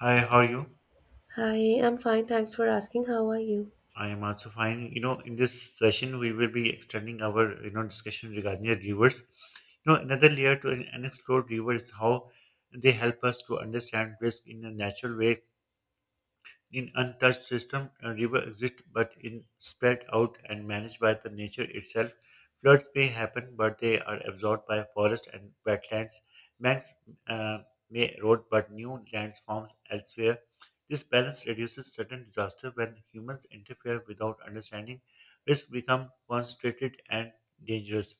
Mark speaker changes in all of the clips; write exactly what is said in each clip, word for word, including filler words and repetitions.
Speaker 1: Hi, how are you?
Speaker 2: Hi, I'm fine. Thanks for asking. How are you?
Speaker 1: I am also fine. You know, in this session, we will be extending our you know discussion regarding the rivers. You know, another layer to an unexplored river is how they help us to understand risk in a natural way. In untouched system, a river exists but in spread out and managed by the nature itself. Floods may happen, but they are absorbed by forest and wetlands. Banks uh, may erode, but new lands forms elsewhere. This balance reduces certain disaster when humans interfere without understanding. Risks become concentrated and dangerous.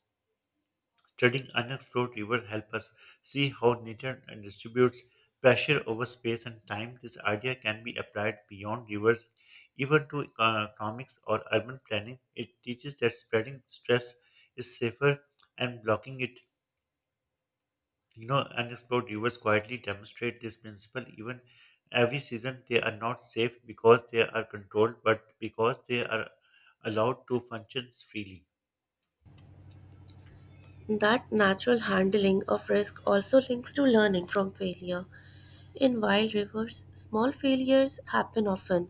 Speaker 1: Studying unexplored rivers help us see how nature and distributes pressure over space and time. This idea can be applied beyond rivers, even to uh, economics or urban planning. It teaches that spreading stress is safer and blocking it. You know, unexplored rivers quietly demonstrate this principle. Even every season, they are not safe because they are controlled, but because they are allowed to function freely.
Speaker 2: That natural handling of risk also links to learning from failure. In wild rivers, small failures happen often.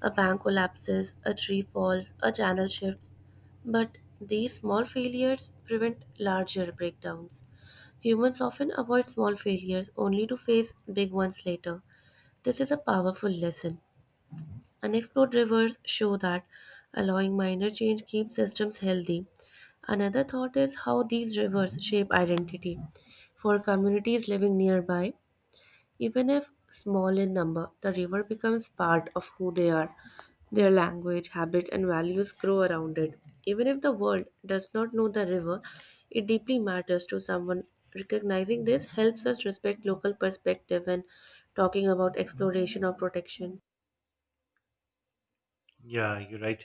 Speaker 2: A bank collapses, a tree falls, a channel shifts. But these small failures prevent larger breakdowns. Humans often avoid small failures only to face big ones later. This is a powerful lesson. Unexplored rivers show that allowing minor change keeps systems healthy. Another thought is how these rivers shape identity. For communities living nearby, even if small in number, the river becomes part of who they are. Their language, habits, and values grow around it. Even if the world does not know the river, it deeply matters to someone. Recognizing this helps us respect local perspective and talking about exploration or protection.
Speaker 1: Yeah, you're right.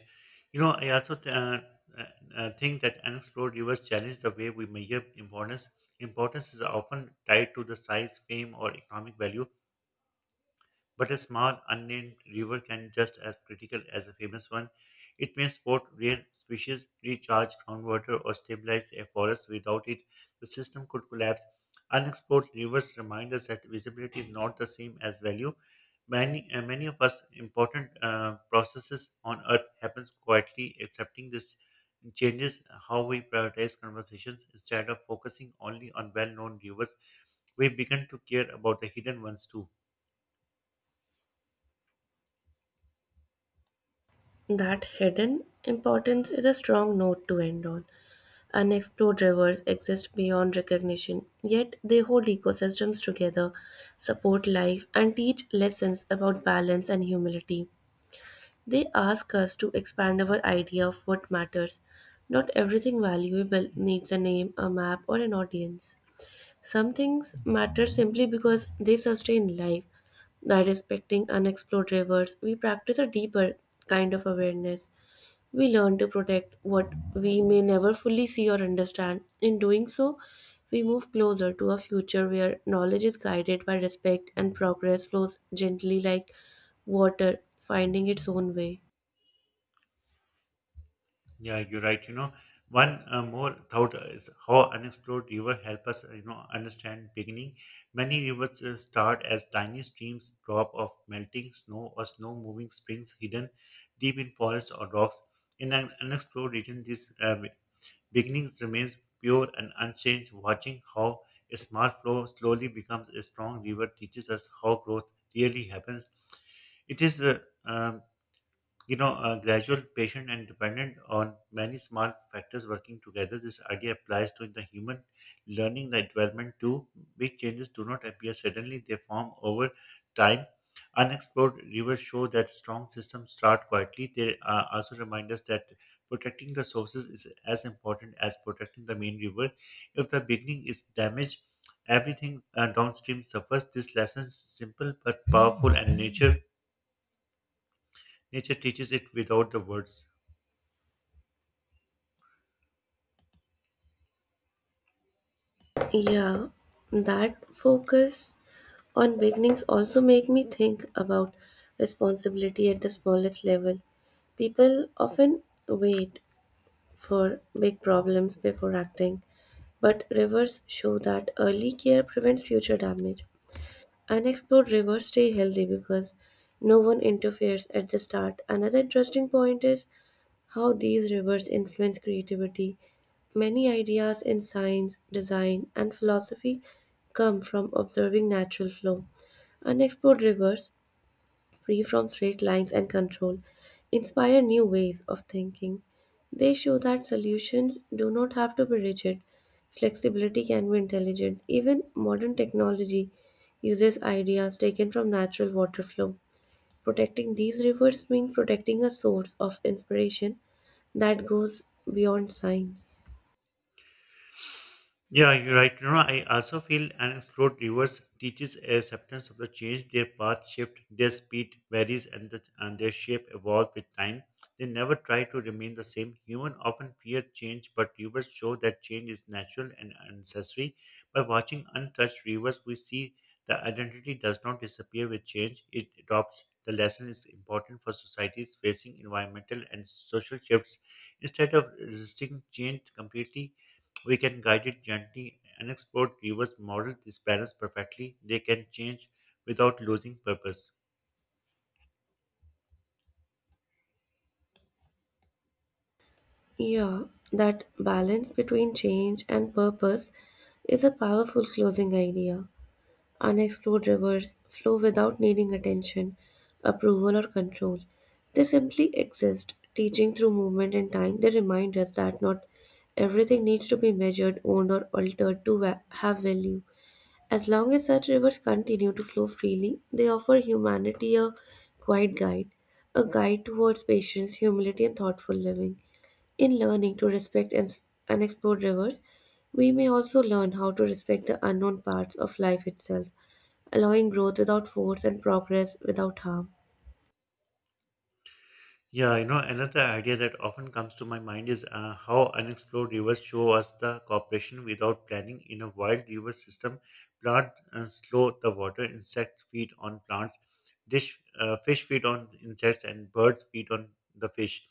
Speaker 1: You know, I also th- uh, uh, uh, think that unexplored rivers challenge the way we measure importance. Importance is often tied to the size, fame, or economic value. But a small unnamed river can just as critical as a famous one. It may support rare species, recharge groundwater, or stabilize a forest. Without it, the system could collapse. Unexplored rivers remind us that visibility is not the same as value. Many, uh, many of us important uh, processes on Earth happens quietly. Accepting this changes how we prioritize conversations instead of focusing only on well-known rivers. We begin to care about the hidden ones too.
Speaker 2: That hidden importance is a strong note to end on. Unexplored rivers exist beyond recognition, yet they hold ecosystems together, support life, and teach lessons about balance and humility. They ask us to expand our idea of what matters. Not everything valuable needs a name, a map, or an audience. Some things matter simply because they sustain life. By respecting unexplored rivers, we practice a deeper kind of awareness. We learn to protect what we may never fully see or understand. In doing so, we move closer to a future where knowledge is guided by respect and progress flows gently like water, finding its own way.
Speaker 1: Yeah, you're right. You know, one uh, more thought is how unexplored river help us, uh, you know, understand beginning. Many rivers uh, start as tiny streams, drop of melting snow or snow moving springs hidden deep in forests or rocks. In an unexplored region, these uh, be- beginnings remains pure and unchanged. Watching how a small flow slowly becomes a strong river teaches us how growth really happens. It is uh, um, you know, uh, gradual, patient, and dependent on many small factors working together. This idea applies to the human learning, the development too. Big changes do not appear suddenly, they form over time. Unexplored rivers show that strong systems start quietly. They uh, also remind us that protecting the sources is as important as protecting the main river. If the beginning is damaged, everything uh, downstream suffers. This lesson is simple but powerful, and nature nature teaches it without the words.
Speaker 2: Yeah, that focus on beginnings also make me think about responsibility at the smallest level. People often wait for big problems before acting, but rivers show that early care prevents future damage. Unexplored rivers stay healthy because no one interferes at the start. Another interesting point is how these rivers influence creativity. Many ideas in science, design, and philosophy come from observing natural flow. Unexplored rivers, free from straight lines and control, inspire new ways of thinking. They show that solutions do not have to be rigid, flexibility can be intelligent. Even modern technology uses ideas taken from natural water flow. Protecting these rivers means protecting a source of inspiration that goes beyond science.
Speaker 1: Yeah, you're right. You know, I also feel an explored rivers teaches acceptance of the change. Their path shift, their speed varies, and, the, and their shape evolve with time. They never try to remain the same. Human often fear change, but rivers show that change is natural and necessary. By watching untouched rivers, we see the identity does not disappear with change. It adopts. The lesson is important for societies facing environmental and social shifts. Instead of resisting change completely, we can guide it gently. Unexplored rivers model this balance perfectly. They can change without losing purpose.
Speaker 2: Yeah, that balance between change and purpose is a powerful closing idea. Unexplored rivers flow without needing attention, approval, or control. They simply exist, teaching through movement and time. They remind us that not everything needs to be measured, owned, or altered to va- have value. As long as such rivers continue to flow freely, they offer humanity a quiet guide, a guide towards patience, humility, and thoughtful living. In learning to respect and unexplored rivers, we may also learn how to respect the unknown parts of life itself, allowing growth without force and progress without harm.
Speaker 1: Yeah, you know, another idea that often comes to my mind is uh, how unexplored rivers show us the cooperation without planning. In a wild river system, plants uh, slow the water, insects feed on plants, dish, uh, fish feed on insects, and birds feed on the fish.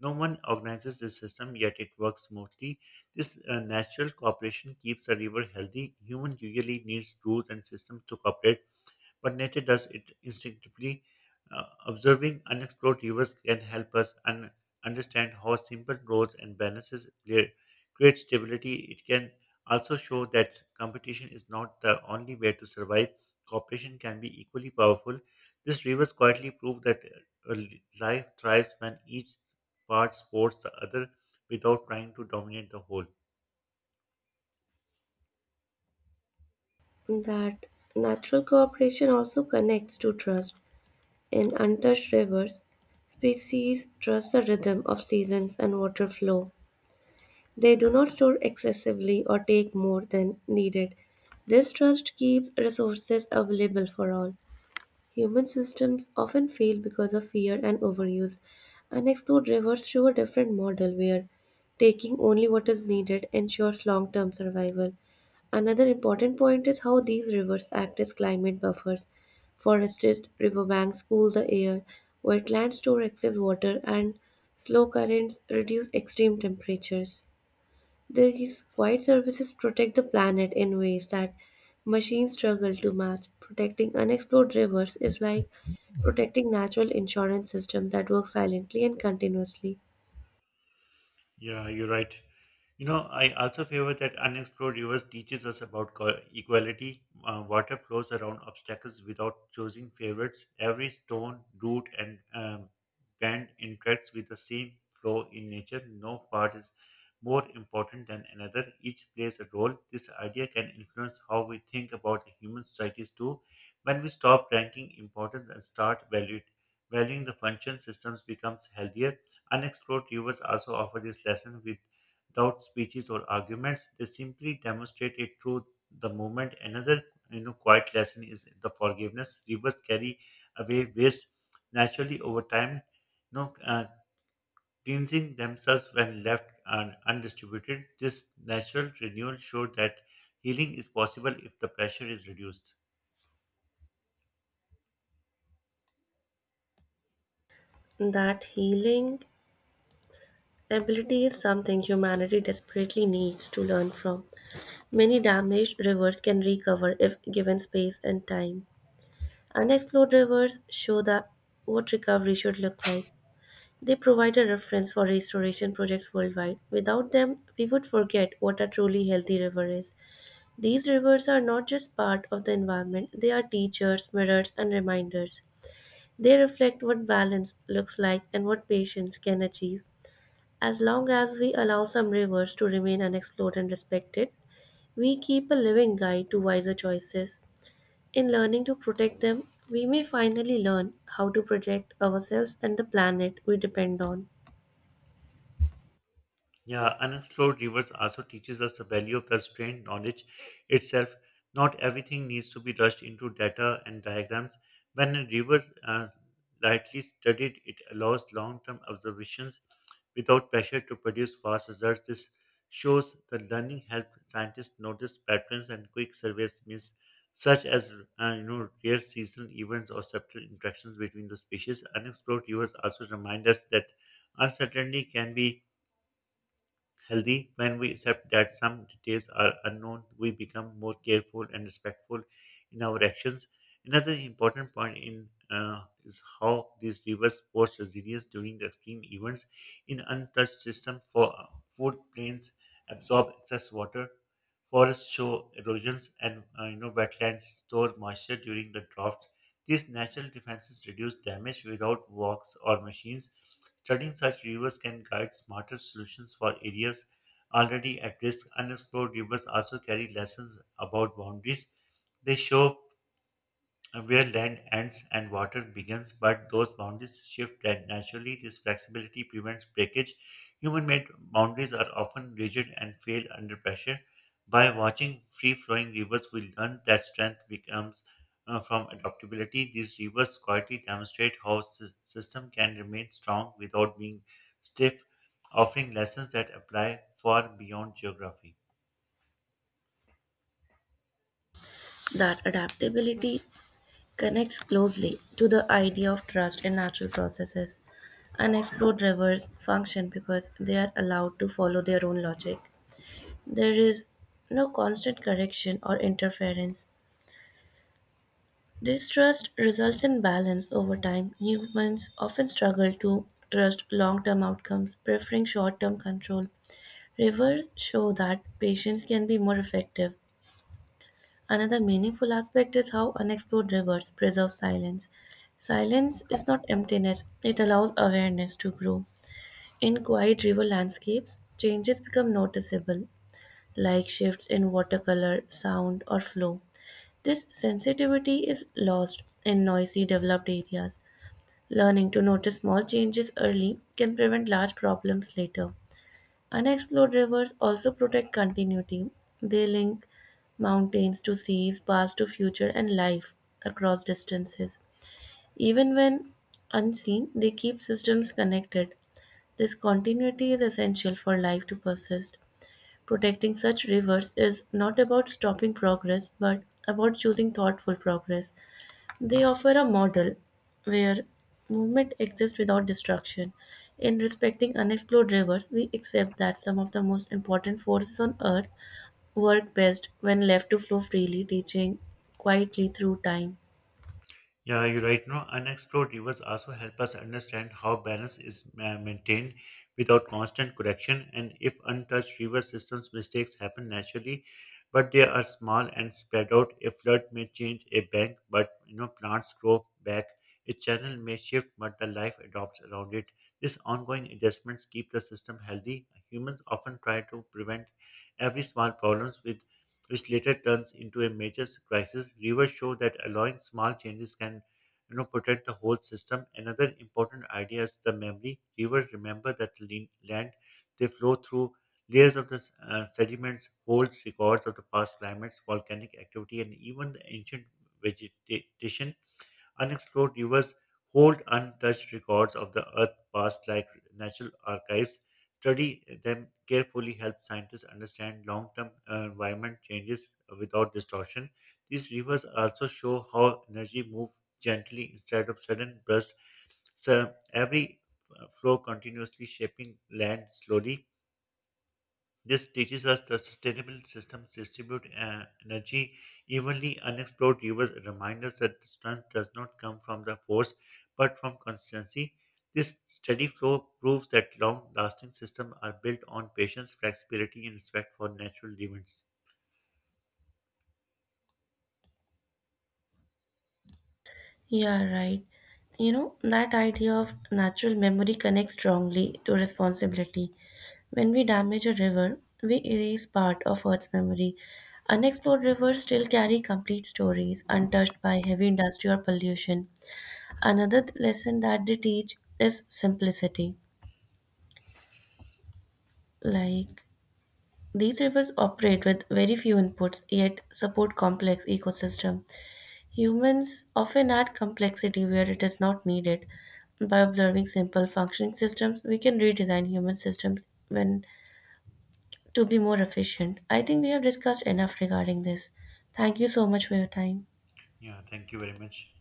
Speaker 1: No one organizes this system, yet it works smoothly. This uh, natural cooperation keeps a river healthy. Human usually needs rules and systems to cooperate but nature does it instinctively. Uh, observing unexplored rivers can help us un- understand how simple roads and balances crea- create stability. It can also show that competition is not the only way to survive. Cooperation can be equally powerful. These rivers quietly prove that uh, life thrives when each part supports the other without trying to dominate the whole.
Speaker 2: That natural cooperation also connects to trust. In untouched rivers, species trust the rhythm of seasons and water flow. They do not store excessively or take more than needed. This trust keeps resources available for all. Human systems often fail because of fear and overuse. Unexplored rivers show a different model where taking only what is needed ensures long term survival. Another important point is how these rivers act as climate buffers. Forested riverbanks cool the air, wetlands store excess water, and slow currents reduce extreme temperatures. These quiet services protect the planet in ways that machines struggle to match. Protecting unexplored rivers is like protecting natural insurance system that works silently and continuously.
Speaker 1: Yeah, you're right. You know, I also favor that unexplored rivers teaches us about co- equality. Uh, water flows around obstacles without choosing favorites. Every stone, root, and um, bend interacts with the same flow in nature. No part is more important than another. Each plays a role. This idea can influence how we think about the human societies too. When we stop ranking importance and start valuing, valuing the function, systems becomes healthier. Unexplored rivers also offer this lesson without speeches or arguments. They simply demonstrate it through the movement. Another you know quiet lesson is the forgiveness. Rivers carry away waste naturally over time, you know, uh, cleansing themselves when left un- undistributed. This natural renewal showed that healing is possible if the pressure is reduced.
Speaker 2: That healing ability is something humanity desperately needs to learn from. Many damaged rivers can recover if given space and time. Unexplored rivers show that what recovery should look like. They provide a reference for restoration projects worldwide. Without them, we would forget what a truly healthy river is. These rivers are not just part of the environment, they are teachers, mirrors, and reminders. They reflect what balance looks like and what patience can achieve. As long as we allow some rivers to remain unexplored and respected, we keep a living guide to wiser choices. In learning to protect them, we may finally learn how to protect ourselves and the planet we depend on.
Speaker 1: Yeah, unexplored rivers also teaches us the value of constrained knowledge itself. Not everything needs to be rushed into data and diagrams. When a river uh, rightly studied, it allows long-term observations without pressure to produce fast results. This shows that learning helps scientists notice patterns and quick surveys means such as uh, you know rare seasonal events or subtle interactions between the species. Unexplored rivers also remind us that uncertainty can be healthy. When we accept that some details are unknown, we become more careful and respectful in our actions. Another important point in uh, is how these rivers force resilience during the extreme events. In untouched system, for uh, food plains absorb excess water, forests show erosions, and uh, you know wetlands store moisture during the droughts these natural defenses reduce damage without walks or machines. Studying such rivers can guide smarter solutions for areas already at risk. Unexplored rivers also carry lessons about boundaries. They show where land ends and water begins, but those boundaries shift and naturally this flexibility prevents breakage. Human made boundaries are often rigid and fail under pressure. By watching free flowing rivers, we learn that strength becomes uh, from adaptability. These rivers quietly demonstrate how s- system can remain strong without being stiff, offering lessons that apply far beyond geography.
Speaker 2: That adaptability connects closely to the idea of trust in natural processes. Unexplored rivers function because they are allowed to follow their own logic. There is no constant correction or interference. This trust results in balance over time. Humans often struggle to trust long term outcomes, preferring short term control. Rivers show that patience can be more effective. Another meaningful aspect is how unexplored rivers preserve silence. Silence is not emptiness, it allows awareness to grow. In quiet river landscapes, changes become noticeable, like shifts in watercolor, sound, or flow. This sensitivity is lost in noisy developed areas. Learning to notice small changes early can prevent large problems later. Unexplored rivers also protect continuity. They link mountains to seas, past to future, and life across distances. Even when unseen, they keep systems connected. This continuity is essential for life to persist. Protecting such rivers is not about stopping progress, but about choosing thoughtful progress. They offer a model where movement exists without destruction. In respecting unexplored rivers, we accept that some of the most important forces on Earth work best when left to flow freely, teaching quietly through time.
Speaker 1: Yeah, you're right. No, unexplored rivers also help us understand how balance is ma- maintained without constant correction, and if untouched river systems, mistakes happen naturally, but they are small and spread out. A flood may change a bank, but you know plants grow back. A channel may shift, but the life adopts around it. These ongoing adjustments keep the system healthy. Humans often try to prevent every small problems with which later turns into a major crisis. Rivers show that allowing small changes can you know, protect the whole system. Another important idea is the memory. Rivers remember that lin- land they flow through layers of the s- uh, sediments, holds records of the past climates, volcanic activity, and even the ancient vegetation. Unexplored rivers hold untouched records of the Earth's past, like national archives. Study them carefully helps scientists understand long term environment changes without distortion. These rivers also show how energy moves gently instead of sudden bursts. So every uh, flow continuously shaping land slowly. This teaches us that sustainable systems distribute uh, energy evenly. Unexplored rivers remind us that strength does not come from the force but from consistency. This steady flow proves that long lasting systems are built on patience, flexibility, and respect for natural events.
Speaker 2: Yeah, right. You know, that idea of natural memory connects strongly to responsibility. When we damage a river, we erase part of Earth's memory. Unexplored rivers still carry complete stories, untouched by heavy industry or pollution. Another th- lesson that they teach is simplicity. Like these rivers operate with very few inputs yet support complex ecosystem. Humans often add complexity where it is not needed. By observing simple functioning systems, we can redesign human systems when to be more efficient. I think we have discussed enough regarding this. Thank you so much for your time.
Speaker 1: Yeah, thank you very much.